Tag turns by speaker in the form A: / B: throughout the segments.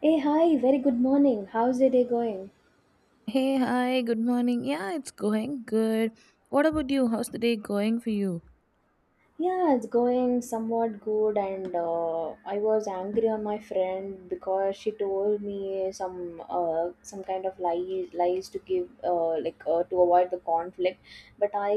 A: Hey, hi, very good morning. How's your day going?
B: Hey, hi, good morning. Yeah, it's going good. What about you? How's the day going for you?
A: Yeah, it's going somewhat good, and I was angry on my friend because she told me some kind of lies to give like to avoid the conflict. But I,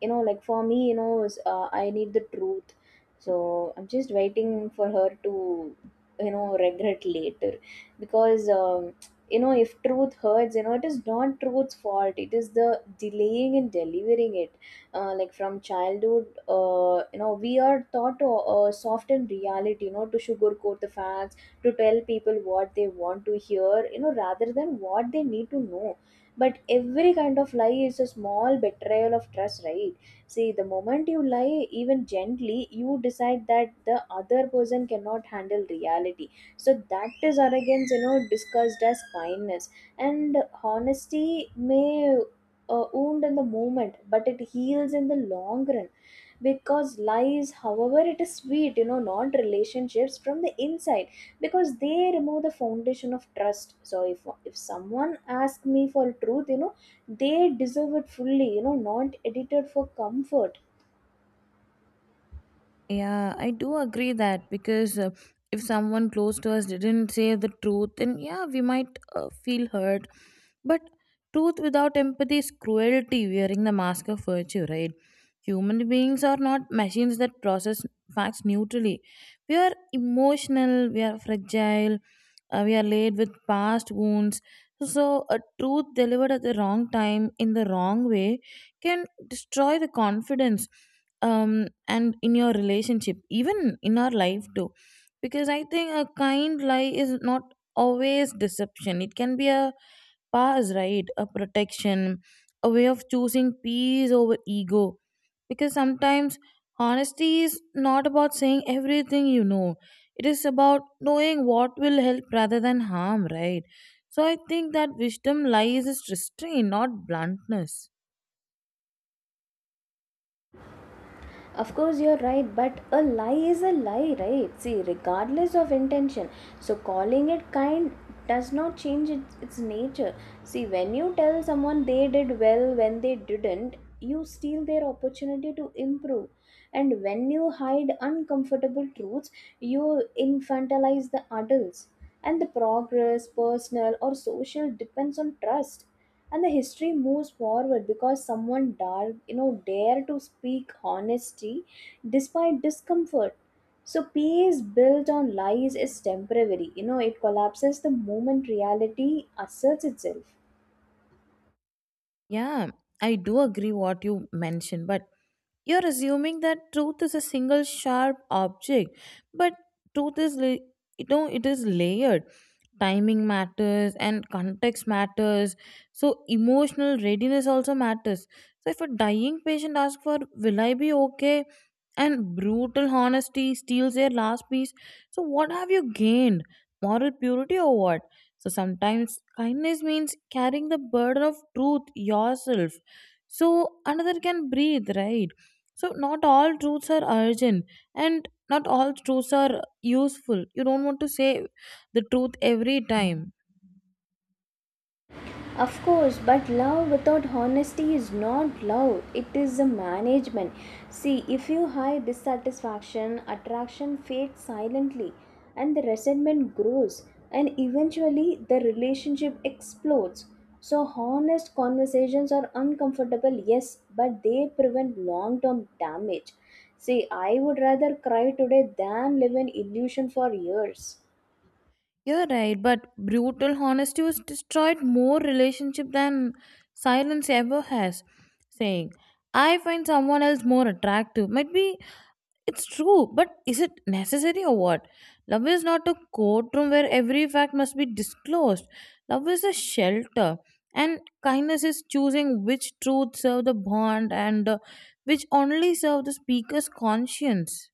A: like for me, is, I need the truth, so I'm just waiting for her to, regret later, because if truth hurts, it is not truth's fault. It is the delaying in delivering it, like from childhood, we are taught to, soften reality, to sugarcoat the facts, to tell people what they want to hear, rather than what they need to know. But every kind of lie is a small betrayal of trust, right? See, the moment you lie, even gently, you decide that the other person cannot handle reality. So that is arrogance, discussed as kindness. And honesty may a wound in the moment, but it heals in the long run, because lies, however it is sweet, not relationships from the inside, because they remove the foundation of trust. So if someone asks me for truth, they deserve it fully, not edited for comfort.
B: Yeah, I do agree that because if someone close to us didn't say the truth, then yeah, we might feel hurt. But truth without empathy is cruelty wearing the mask of virtue, right? Human beings are not machines that process facts neutrally. We are emotional, we are fragile, we are laid with past wounds. So a truth delivered at the wrong time in the wrong way can destroy the confidence and in your relationship, even in our life too, because I think a kind lie is not always deception. It can be a pass, right? A protection, a way of choosing peace over ego. Because sometimes honesty is not about saying everything. It is about knowing what will help rather than harm, right? So I think that wisdom lies is restraint, not bluntness.
A: Of course, you're right, but a lie is a lie, right? See, regardless of intention, so calling it kind does not change its nature. See, when you tell someone they did well when they didn't, you steal their opportunity to improve. And when you hide uncomfortable truths, you infantilize the adults. And the progress, personal or social, depends on trust. And the history moves forward because someone dark dare to speak honesty despite discomfort. So peace built on lies is temporary, it collapses the moment reality asserts itself.
B: Yeah, I do agree what you mentioned, but you're assuming that truth is a single sharp object, but truth is, it is layered. Timing matters and context matters. So emotional readiness also matters. So if a dying patient asks for, "Will I be okay?" and brutal honesty steals their last piece, so what have you gained? Moral purity or what? So sometimes kindness means carrying the burden of truth yourself. So another can breathe, right? So not all truths are urgent and not all truths are useful. You don't want to say the truth every time.
A: Of course, but love without honesty is not love, it is a management. See, if you hide dissatisfaction, attraction fades silently and the resentment grows, and eventually the relationship explodes. So, honest conversations are uncomfortable, yes, but they prevent long term damage. See, I would rather cry today than live in illusion for years.
B: You're right, but brutal honesty has destroyed more relationship than silence ever has. Saying, I find someone else more attractive might be— it's true, but is it necessary or what? Love is not a courtroom where every fact must be disclosed. Love is a shelter, and kindness is choosing which truths serve the bond and which only serve the speaker's conscience.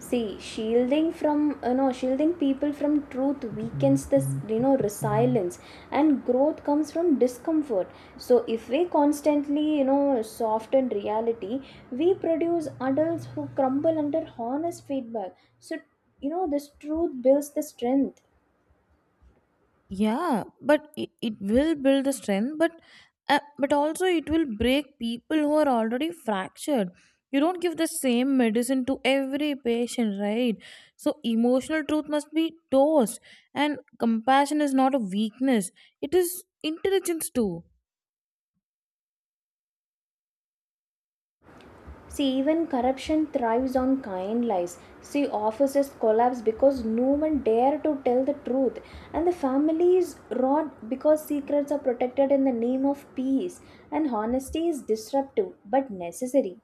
A: See, shielding people from truth weakens this, resilience and growth comes from discomfort. So if we constantly, soften reality, we produce adults who crumble under honest feedback. So, this truth builds the strength.
B: Yeah, but it will build the strength, but also it will break people who are already fractured. You don't give the same medicine to every patient, right? So emotional truth must be tossed, and compassion is not a weakness, it is intelligence too.
A: See, even corruption thrives on kind lies. See, offices collapse because no one dare to tell the truth, and the families rot because secrets are protected in the name of peace. And honesty is disruptive but necessary.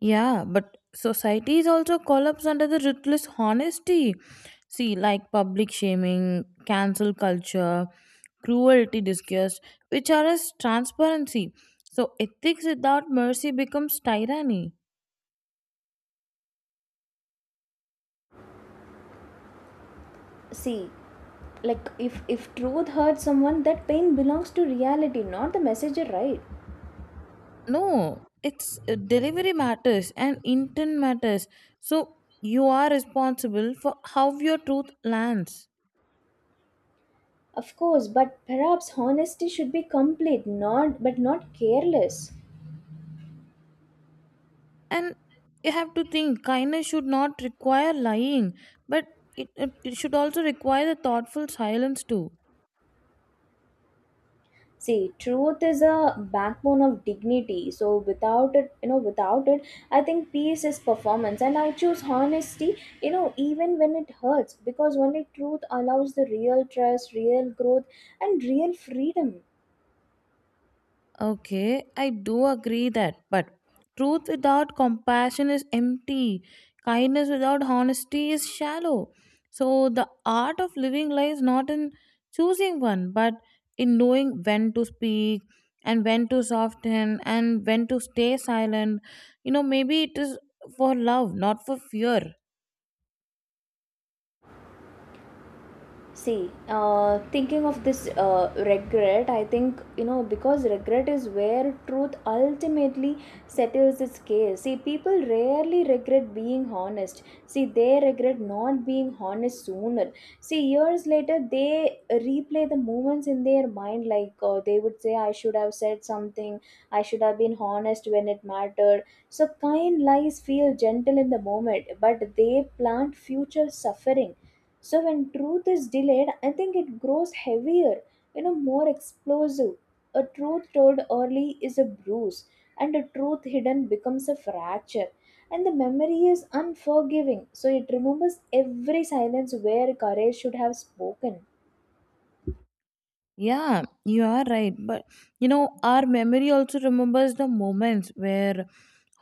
B: Yeah, but society is also collapsed under the ruthless honesty. See, like public shaming, cancel culture, cruelty discussed, which are as transparency. So ethics without mercy becomes tyranny.
A: See, like if truth hurts someone, that pain belongs to reality, not the messenger, right?
B: No, it's delivery matters and intent matters. So you are responsible for how your truth lands.
A: Of course, but perhaps honesty should be complete, not careless.
B: And you have to think kindness should not require lying, but it should also require the thoughtful silence too.
A: See, truth is a backbone of dignity. So without it, I think peace is performance, and I choose honesty. You know, even when it hurts, because only truth allows the real trust, real growth, and real freedom.
B: Okay, I do agree that, but truth without compassion is empty, kindness without honesty is shallow. So the art of living lies not in choosing one but in knowing when to speak and when to soften and when to stay silent. You know, maybe it is for love, not for fear.
A: See, thinking of this, regret, I think, because regret is where truth ultimately settles its case. See, people rarely regret being honest. See, they regret not being honest sooner. See, years later, they replay the moments in their mind, like they would say, I should have said something, I should have been honest when it mattered. So, kind lies feel gentle in the moment, but they plant future suffering. So when truth is delayed, I think it grows heavier, more explosive. A truth told early is a bruise, and a truth hidden becomes a fracture. And the memory is unforgiving, so it remembers every silence where courage should have spoken.
B: Yeah, you are right. But you know, our memory also remembers the moments where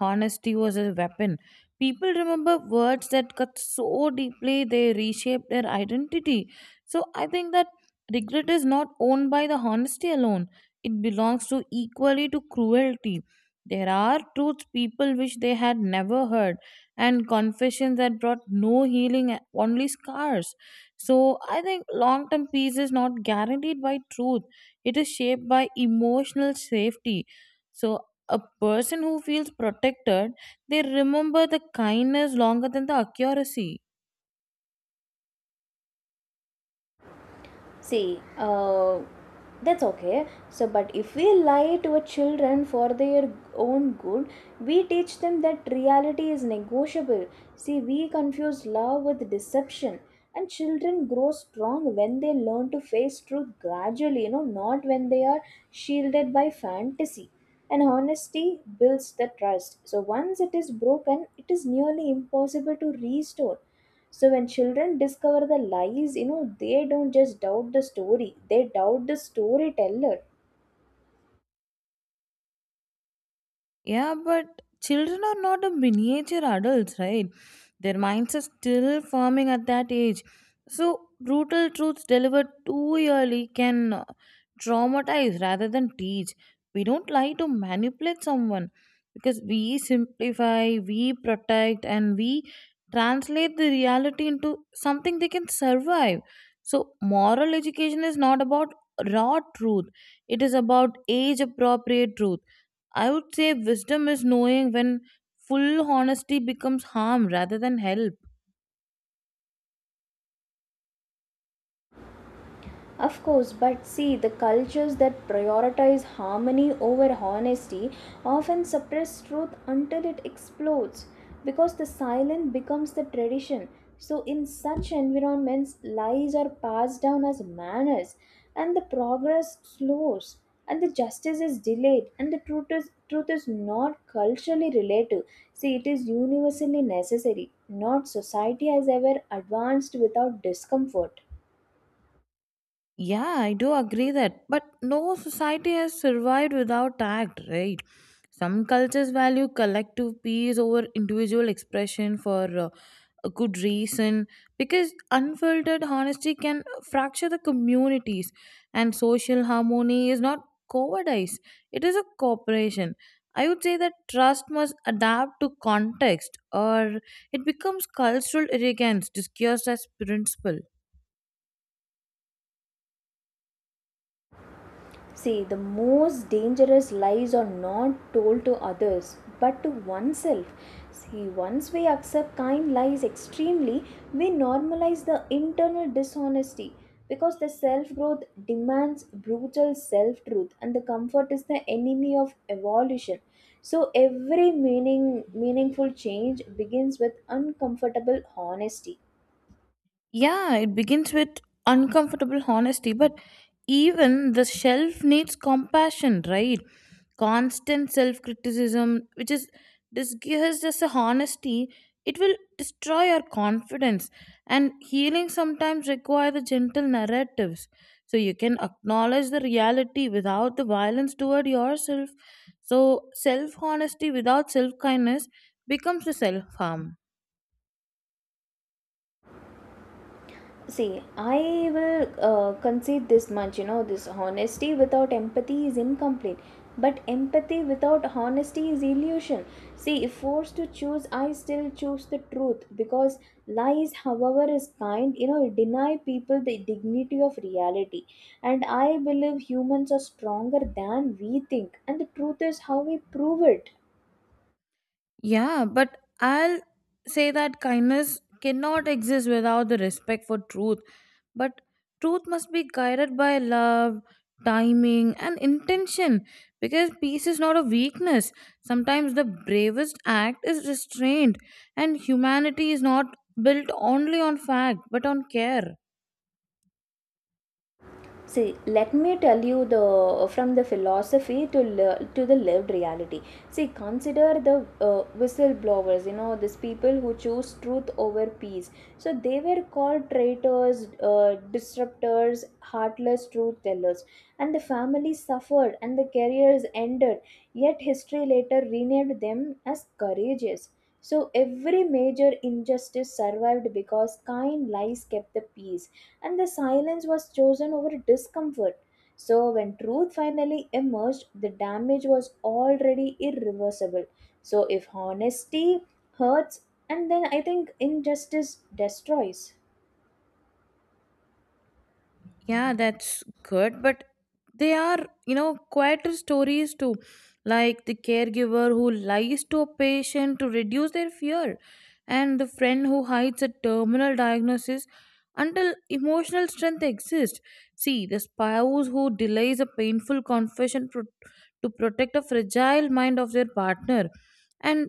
B: honesty was a weapon. People remember words that cut so deeply they reshape their identity. So I think that regret is not owned by the honesty alone. It belongs to equally to cruelty. There are truths people wish they had never heard, and confessions that brought no healing, only scars. So I think long term peace is not guaranteed by truth, it is shaped by emotional safety. So a person who feels protected, they remember the kindness longer than the accuracy.
A: See, that's okay. So, but if we lie to our children for their own good, we teach them that reality is negotiable. See, we confuse love with deception. And children grow strong when they learn to face truth gradually, not when they are shielded by fantasy. And honesty builds the trust. So, once it is broken, it is nearly impossible to restore. So when children discover the lies, they don't just doubt the story, they doubt the storyteller.
B: Yeah, but children are not a miniature adults, right? Their minds are still forming at that age. So brutal truths delivered too early can traumatize rather than teach. We don't lie to manipulate someone, because we simplify, we protect, and we translate the reality into something they can survive. So moral education is not about raw truth, it is about age appropriate truth. I would say wisdom is knowing when full honesty becomes harm rather than help.
A: Of course, but see, the cultures that prioritize harmony over honesty often suppress truth until it explodes, because the silent becomes the tradition. So, in such environments, lies are passed down as manners, and the progress slows, and the justice is delayed, and truth is not culturally relative. See, it is universally necessary. Not society has ever advanced without discomfort.
B: Yeah, I do agree that. But no society has survived without act, right? Some cultures value collective peace over individual expression for a good reason, because unfiltered honesty can fracture the communities, and social harmony is not cowardice, it is a cooperation. I would say that trust must adapt to context or it becomes cultural arrogance disguised as principle.
A: See, the most dangerous lies are not told to others but to oneself. See, once we accept kind lies extremely, we normalize the internal dishonesty, because the self growth demands brutal self truth and the comfort is the enemy of evolution. So every meaningful change begins with uncomfortable honesty.
B: Yeah, it begins with uncomfortable honesty, but even the shelf needs compassion, right? Constant self criticism, which is disguised as a honesty, it will destroy our confidence. And healing sometimes requires the gentle narratives. So you can acknowledge the reality without the violence toward yourself. So self honesty without self kindness becomes a self harm.
A: See, I will, concede this much, this honesty without empathy is incomplete. But empathy without honesty is illusion. See, if forced to choose, I still choose the truth because lies, however, is kind, deny people the dignity of reality. And I believe humans are stronger than we think, and the truth is how we prove it.
B: Yeah, but I'll say that kindness cannot exist without the respect for truth. But truth must be guided by love, timing, and intention, because peace is not a weakness. Sometimes the bravest act is restraint, and humanity is not built only on fact but on care.
A: See, let me tell you, the from the philosophy to the lived reality. See, consider the, whistleblowers, these people who choose truth over peace. So they were called traitors, uh, disruptors, heartless truth tellers, and the family suffered and the careers ended, yet history later renamed them as courageous. So every major injustice survived because kind lies kept the peace, and the silence was chosen over discomfort. So, when truth finally emerged, the damage was already irreversible. So, if honesty hurts, and then I think injustice destroys.
B: Yeah, that's good, but they are, you know, quieter stories too, like the caregiver who lies to a patient to reduce their fear, and the friend who hides a terminal diagnosis until emotional strength exists. See, the spouse who delays a painful confession to protect a fragile mind of their partner. And,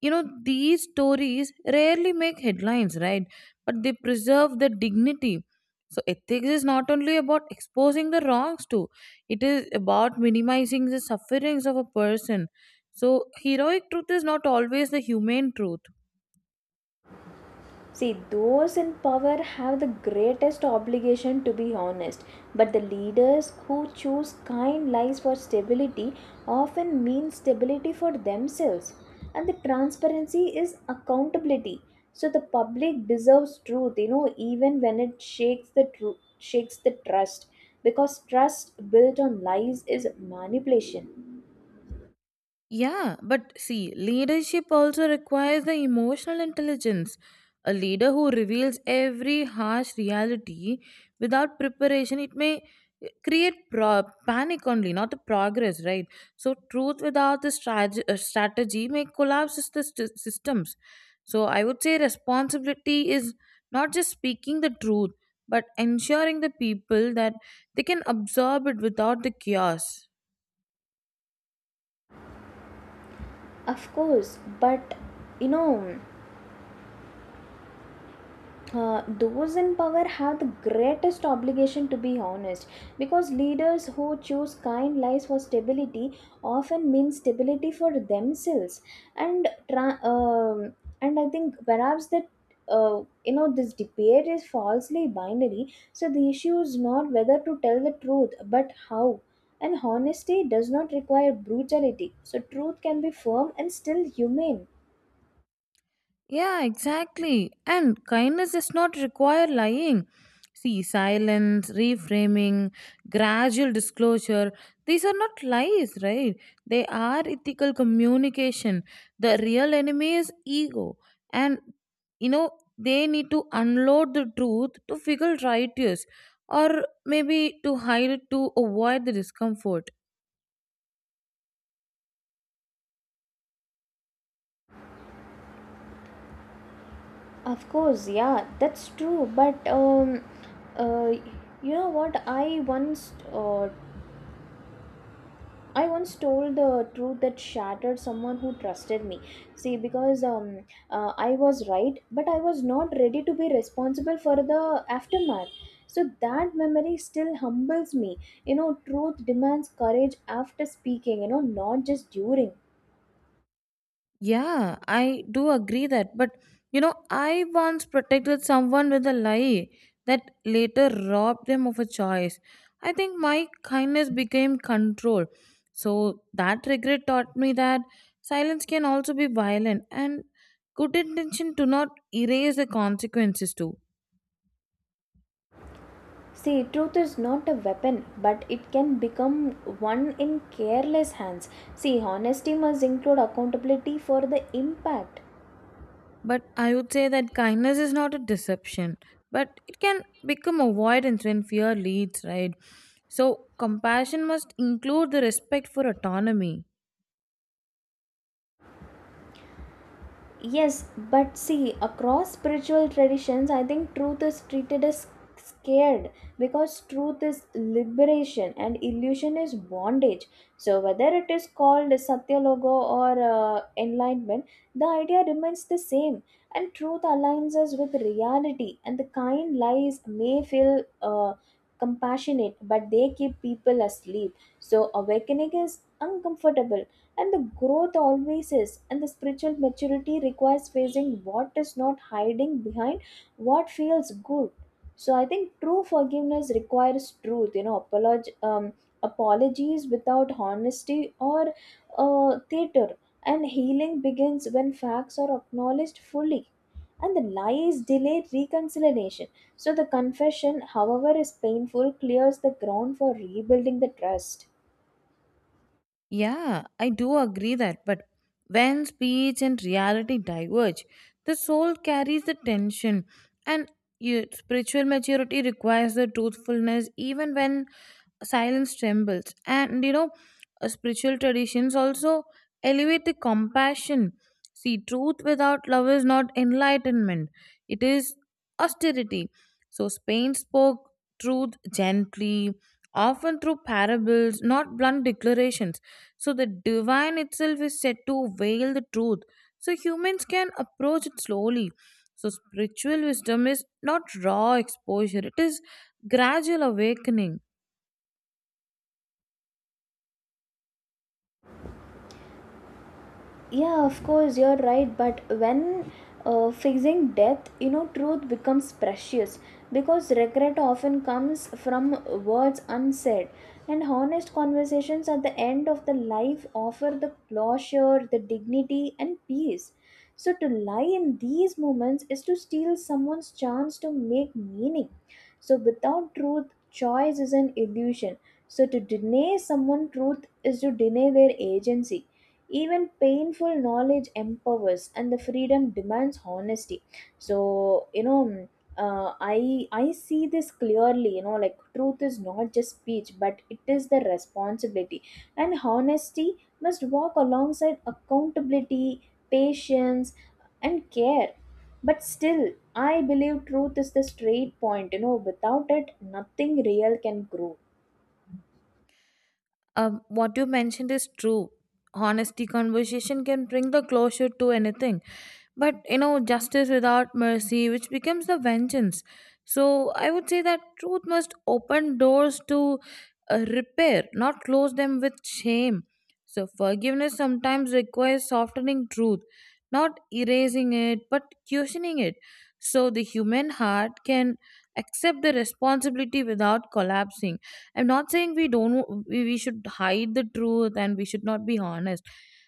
B: you know, these stories rarely make headlines, right? But they preserve the dignity. So ethics is not only about exposing the wrongs too; it is about minimizing the sufferings of a person. So heroic truth is not always the humane truth.
A: See, those in power have the greatest obligation to be honest, but the leaders who choose kind lies for stability often mean stability for themselves. And the transparency is accountability. So the public deserves truth, even when it shakes the trust, because trust built on lies is manipulation.
B: Yeah, but see, leadership also requires the emotional intelligence. A leader who reveals every harsh reality without preparation, it may create panic only, not the progress, right? So truth without the strategy, strategy may collapse the systems. So I would say responsibility is not just speaking the truth, but ensuring the people that they can absorb it without the chaos.
A: Of course, but you know those in power have the greatest obligation to be honest, because leaders who choose kind lies for stability often mean stability for themselves. and tra- um, and I think perhaps that, this debate is falsely binary. So the issue is not whether to tell the truth but how. And honesty does not require brutality. So truth can be firm and still humane.
B: Yeah, exactly. And kindness does not require lying. See, silence, reframing, gradual disclosure, these are not lies, right? They are ethical communication. The real enemy is ego. And, you know, they need to unload the truth to figure righteous, or maybe to hide it to avoid the discomfort.
A: Of course, yeah, that's true. But uh, you know what? I once told the truth that shattered someone who trusted me. See, because I was right, but I was not ready to be responsible for the aftermath. So that memory still humbles me. You know, truth demands courage after speaking. You know, not just during.
B: Yeah, I do agree that. But you know, I once protected someone with a lie that later robbed them of a choice. I think my kindness became control. So that regret taught me that silence can also be violent and good intention do not erase the consequences too.
A: See, truth is not a weapon, but it can become one in careless hands. See, honesty must include accountability for the impact.
B: But I would say that kindness is not a deception, but it can become avoidance when fear leads, right? So compassion must include the respect for autonomy.
A: Yes, but see, across spiritual traditions, I think truth is treated as scared because truth is liberation and illusion is bondage. So, whether it is called Satyalogo or, enlightenment, the idea remains the same. And truth aligns us with reality, and the kind lies may feel, compassionate, but they keep people asleep. So, awakening is uncomfortable and the growth always is, and the spiritual maturity requires facing what is, not hiding behind what feels good. So I think true forgiveness requires truth, apologies without honesty or, theater. And healing begins when facts are acknowledged fully, and the lies delay reconciliation. So the confession, however is painful, clears the ground for rebuilding the trust.
B: Yeah, I do agree that, but when speech and reality diverge, the soul carries the tension, and you, spiritual maturity requires the truthfulness even when silence trembles. And you know, spiritual traditions also elevate the compassion. See, truth without love is not enlightenment, it is austerity. So Spain spoke truth gently, often through parables, not blunt declarations. So the divine itself is said to veil the truth. So humans can approach it slowly. So spiritual wisdom is not raw exposure, it is gradual awakening.
A: Yeah, of course, you're right. But when, facing death, truth becomes precious because regret often comes from words unsaid. And honest conversations at the end of the life offer the closure, the dignity, and peace. So, to lie in these moments is to steal someone's chance to make meaning. So, without truth, choice is an illusion. So, to deny someone truth is to deny their agency. Even painful knowledge empowers, and the freedom demands honesty. So I see this clearly, like truth is not just speech but it is the responsibility. And honesty must walk alongside accountability, patience, and care. But still, I believe truth is the straight point, without it nothing real can grow.
B: What you mentioned is true. Honesty conversation can bring the closure to anything. But you know, justice without mercy, which becomes the vengeance. So I would say that truth must open doors to repair, not close them with shame. So forgiveness sometimes requires softening truth, not erasing it, but cushioning it. So the human heart can accept the responsibility without collapsing. I'm not saying we don't we should hide the truth and we should not be honest.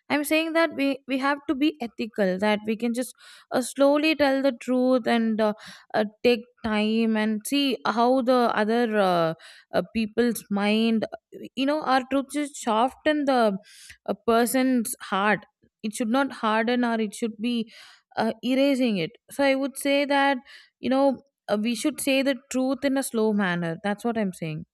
B: I'm saying that we have to be ethical, that we can just slowly tell the truth, and take time and see how the other people's mind. You know, our truth should soften the a person's heart. It should not harden or it should be erasing it. So I would say that, you know, we should say the truth in a slow manner. That's what I'm saying.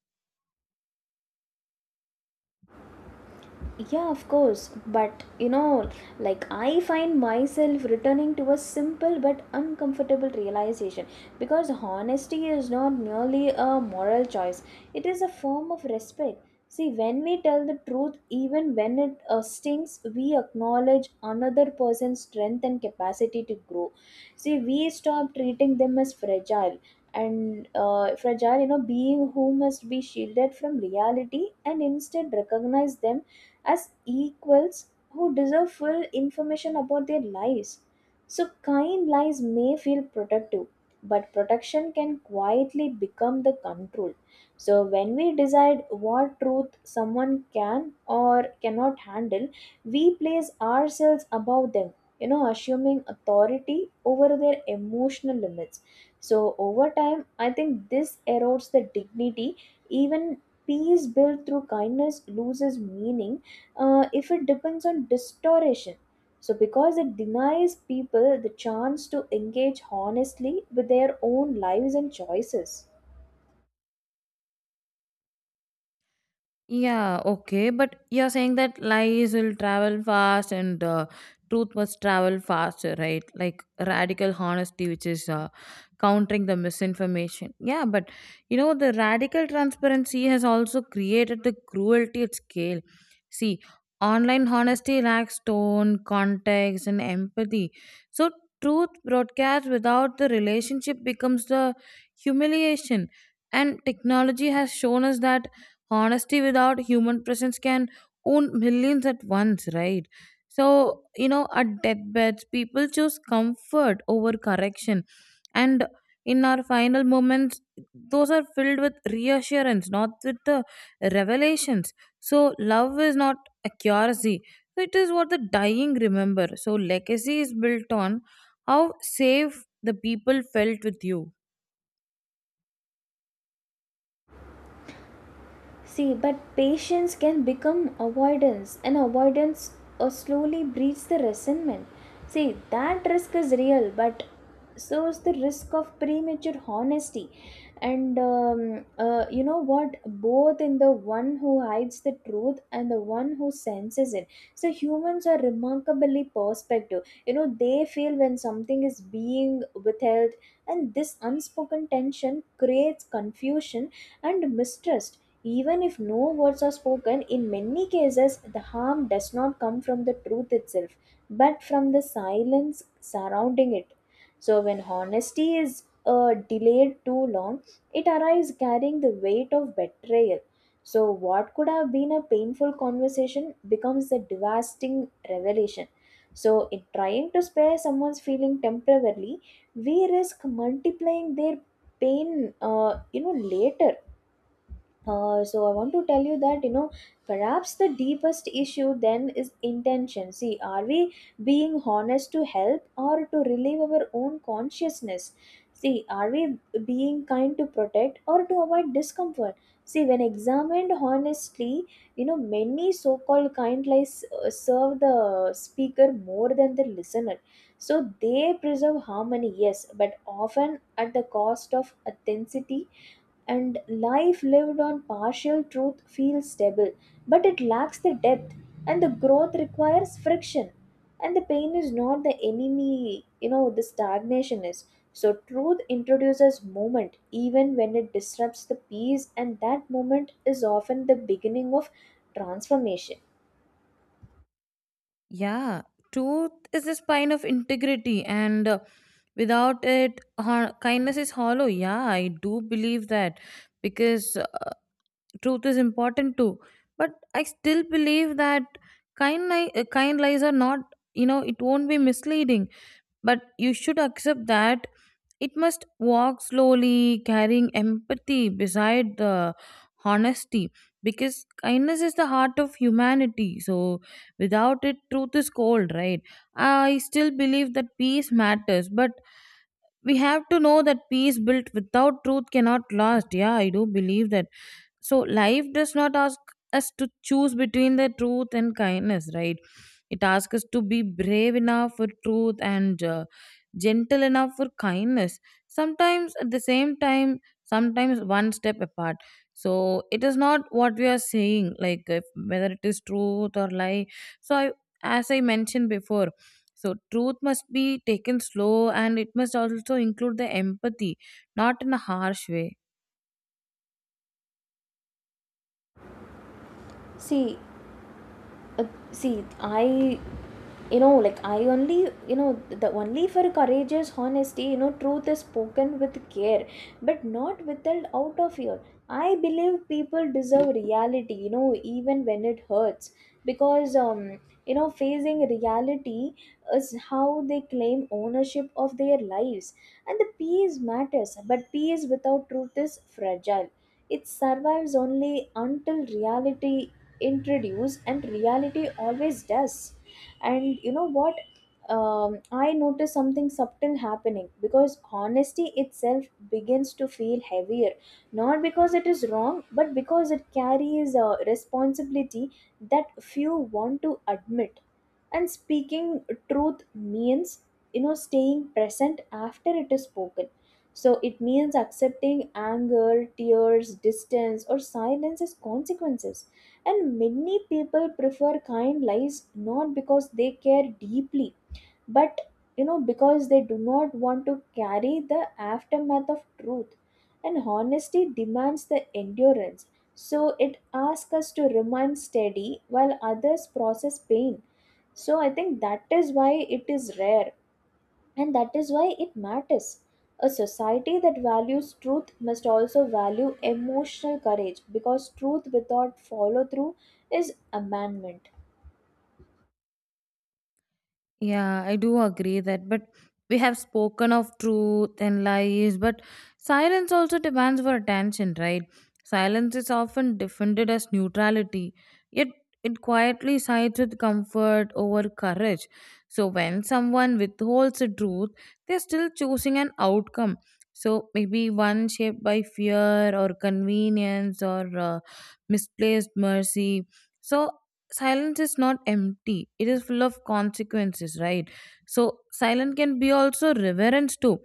A: Yeah, of course. But like I find myself returning to a simple but uncomfortable realization, because honesty is not merely a moral choice, it is a form of respect. See, when we tell the truth, even when it, stings, we acknowledge another person's strength and capacity to grow. See, we stop treating them as fragile and fragile, you know, being who must be shielded from reality, and instead recognize them as equals who deserve full information about their lives. So, kind lies may feel protective, but protection can quietly become the control. So, when we decide what truth someone can or cannot handle, we place ourselves above them, you know, assuming authority over their emotional limits. So, over time, I think this erodes the dignity, even peace built through kindness loses meaning if it depends on distortion. So, because it denies people the chance to engage honestly with their own lives and choices.
B: Yeah, okay. But you're saying that lies will travel fast and truth must travel faster, right? Like radical honesty, which is countering the misinformation. Yeah, but you know, the radical transparency has also created the cruelty at scale. See, online honesty lacks tone, context, and empathy. So truth broadcast without the relationship becomes the humiliation. And technology has shown us that honesty without human presence can own millions at once, right? So, you know, at deathbeds people choose comfort over correction. And in our final moments, those are filled with reassurance, not with the revelations. So love is not accuracy. So it is what the dying remember. So legacy is built on how safe the people felt with you.
A: See, but patience can become avoidance, and avoidance slowly breeds the resentment. See, that risk is real, but so is the risk of premature honesty. And You know what? Both in the one who hides the truth and the one who senses it. So, humans are remarkably perspective. You know, they feel when something is being withheld, and this unspoken tension creates confusion and mistrust. Even if no words are spoken, in many cases the harm does not come from the truth itself, but from the silence surrounding it. So, when honesty is delayed too long, it arrives carrying the weight of betrayal. So, what could have been a painful conversation becomes a devastating revelation. So, in trying to spare someone's feeling temporarily, we risk multiplying their pain, you know, later. So I want to tell you that you know perhaps the deepest issue then is intention. See, are we being honest to help or to relieve our own consciousness? See, are we being kind to protect or to avoid discomfort? See, when examined honestly, you know, many so-called kind lies serve the speaker more than the listener. So they preserve harmony, yes, but often at the cost of authenticity, and life lived on partial truth feels stable, but it lacks the depth, and the growth requires friction. And the pain is not the enemy, you know, the stagnation is. So, truth introduces movement even when it disrupts the peace, and that moment is often the beginning of transformation.
B: Yeah, truth is the spine of integrity, and without it, kindness is hollow. Yeah, I do believe that, because truth is important too. But I still believe that kind lies are not. You know, it won't be misleading, but you should accept that it must walk slowly, carrying empathy beside the honesty, because kindness is the heart of humanity. So without it, truth is cold, right? I still believe that peace matters, but we have to know that peace built without truth cannot last. Yeah, I do believe that. So life does not ask us to choose between the truth and kindness, right? It asks us to be brave enough for truth and gentle enough for kindness. Sometimes at the same time, sometimes one step apart. So it is not what we are saying, like if, whether it is truth or lie. So I, as I mentioned before, so truth must be taken slow and it must also include the empathy, not in a harsh way.
A: See, uh, see I you know, you know the only for courageous honesty, you know, truth is spoken with care but not withheld out of fear. I believe people deserve reality, you know, even when it hurts, because you know, facing reality is how they claim ownership of their lives. And the peace matters, but peace without truth is fragile. It survives only until reality introduce, and reality always does. And you know what? I noticed something subtle happening because honesty itself begins to feel heavier, not because it is wrong, but because it carries a responsibility that few want to admit. And speaking truth means, you know, staying present after it is spoken. So it means accepting anger, tears, distance or silence as consequences. And many people prefer kind lies, not because they care deeply, but you know, because they do not want to carry the aftermath of truth. And honesty demands the endurance. So it asks us to remain steady while others process pain. So I think that is why it is rare, and that is why it matters. A society that values truth must also value emotional courage, because truth without follow through is abandonment.
B: Yeah, I do agree that, but we have spoken of truth and lies, but silence also demands for attention, right? Silence is often defended as neutrality, yet it quietly sides with comfort over courage. So when someone withholds the truth, they're still choosing an outcome. So maybe one shaped by fear or convenience or misplaced mercy. So silence is not empty, it is full of consequences, right? So silence can be also reverence too,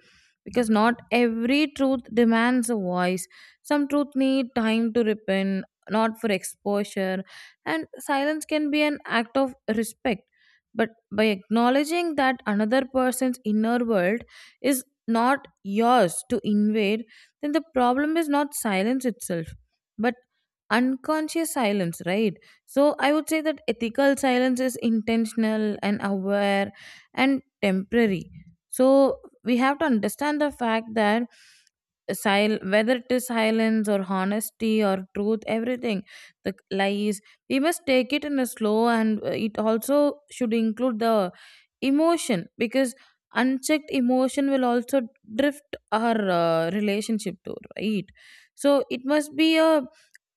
B: because not every truth demands a voice. Some truth need time to repent, not for exposure. And silence can be an act of respect, but by acknowledging that another person's inner world is not yours to invade. Then the problem is not silence itself, but unconscious silence, right? So I would say that ethical silence is intentional and aware and temporary. So we have to understand the fact that whether it is silence or honesty or truth, everything, the lies, we must take it in a slow, and it also should include the emotion, because unchecked emotion will also drift our relationship to, right? So it must be a,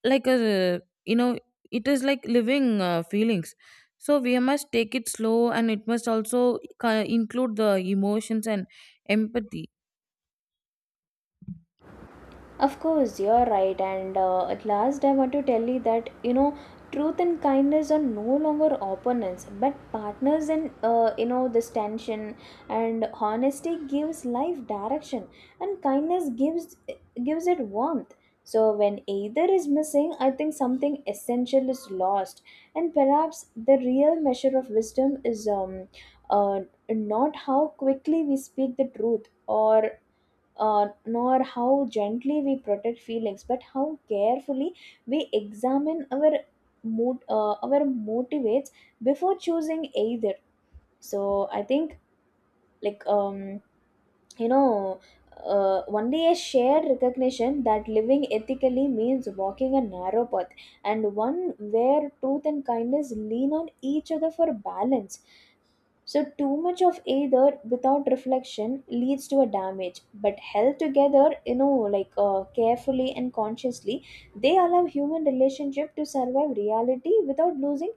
B: like a, you know, it is like living feelings. So we must take it slow and it must also include the emotions and empathy.
A: Of course, you're right. And at last, I want to tell you that, you know, truth and kindness are no longer opponents, but partners in you know, this tension. And honesty gives life direction, and kindness gives it warmth. So when either is missing, I think something essential is lost. And perhaps the real measure of wisdom is uh, not how quickly we speak the truth, or nor how gently we protect feelings, but how carefully we examine our mood, our motivates before choosing either. So I think, like um you know only a shared recognition that living ethically means walking a narrow path, and one where truth and kindness lean on each other for balance. So, too much of either without reflection leads to a damage, but held together, you know, carefully and consciously, they allow human relationship to survive reality without losing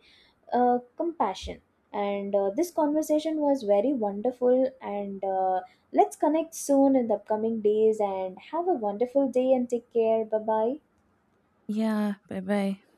A: compassion. And This conversation was very wonderful. And let's connect soon in the upcoming days. And have a wonderful day and take care. Bye bye.
B: Yeah, bye bye.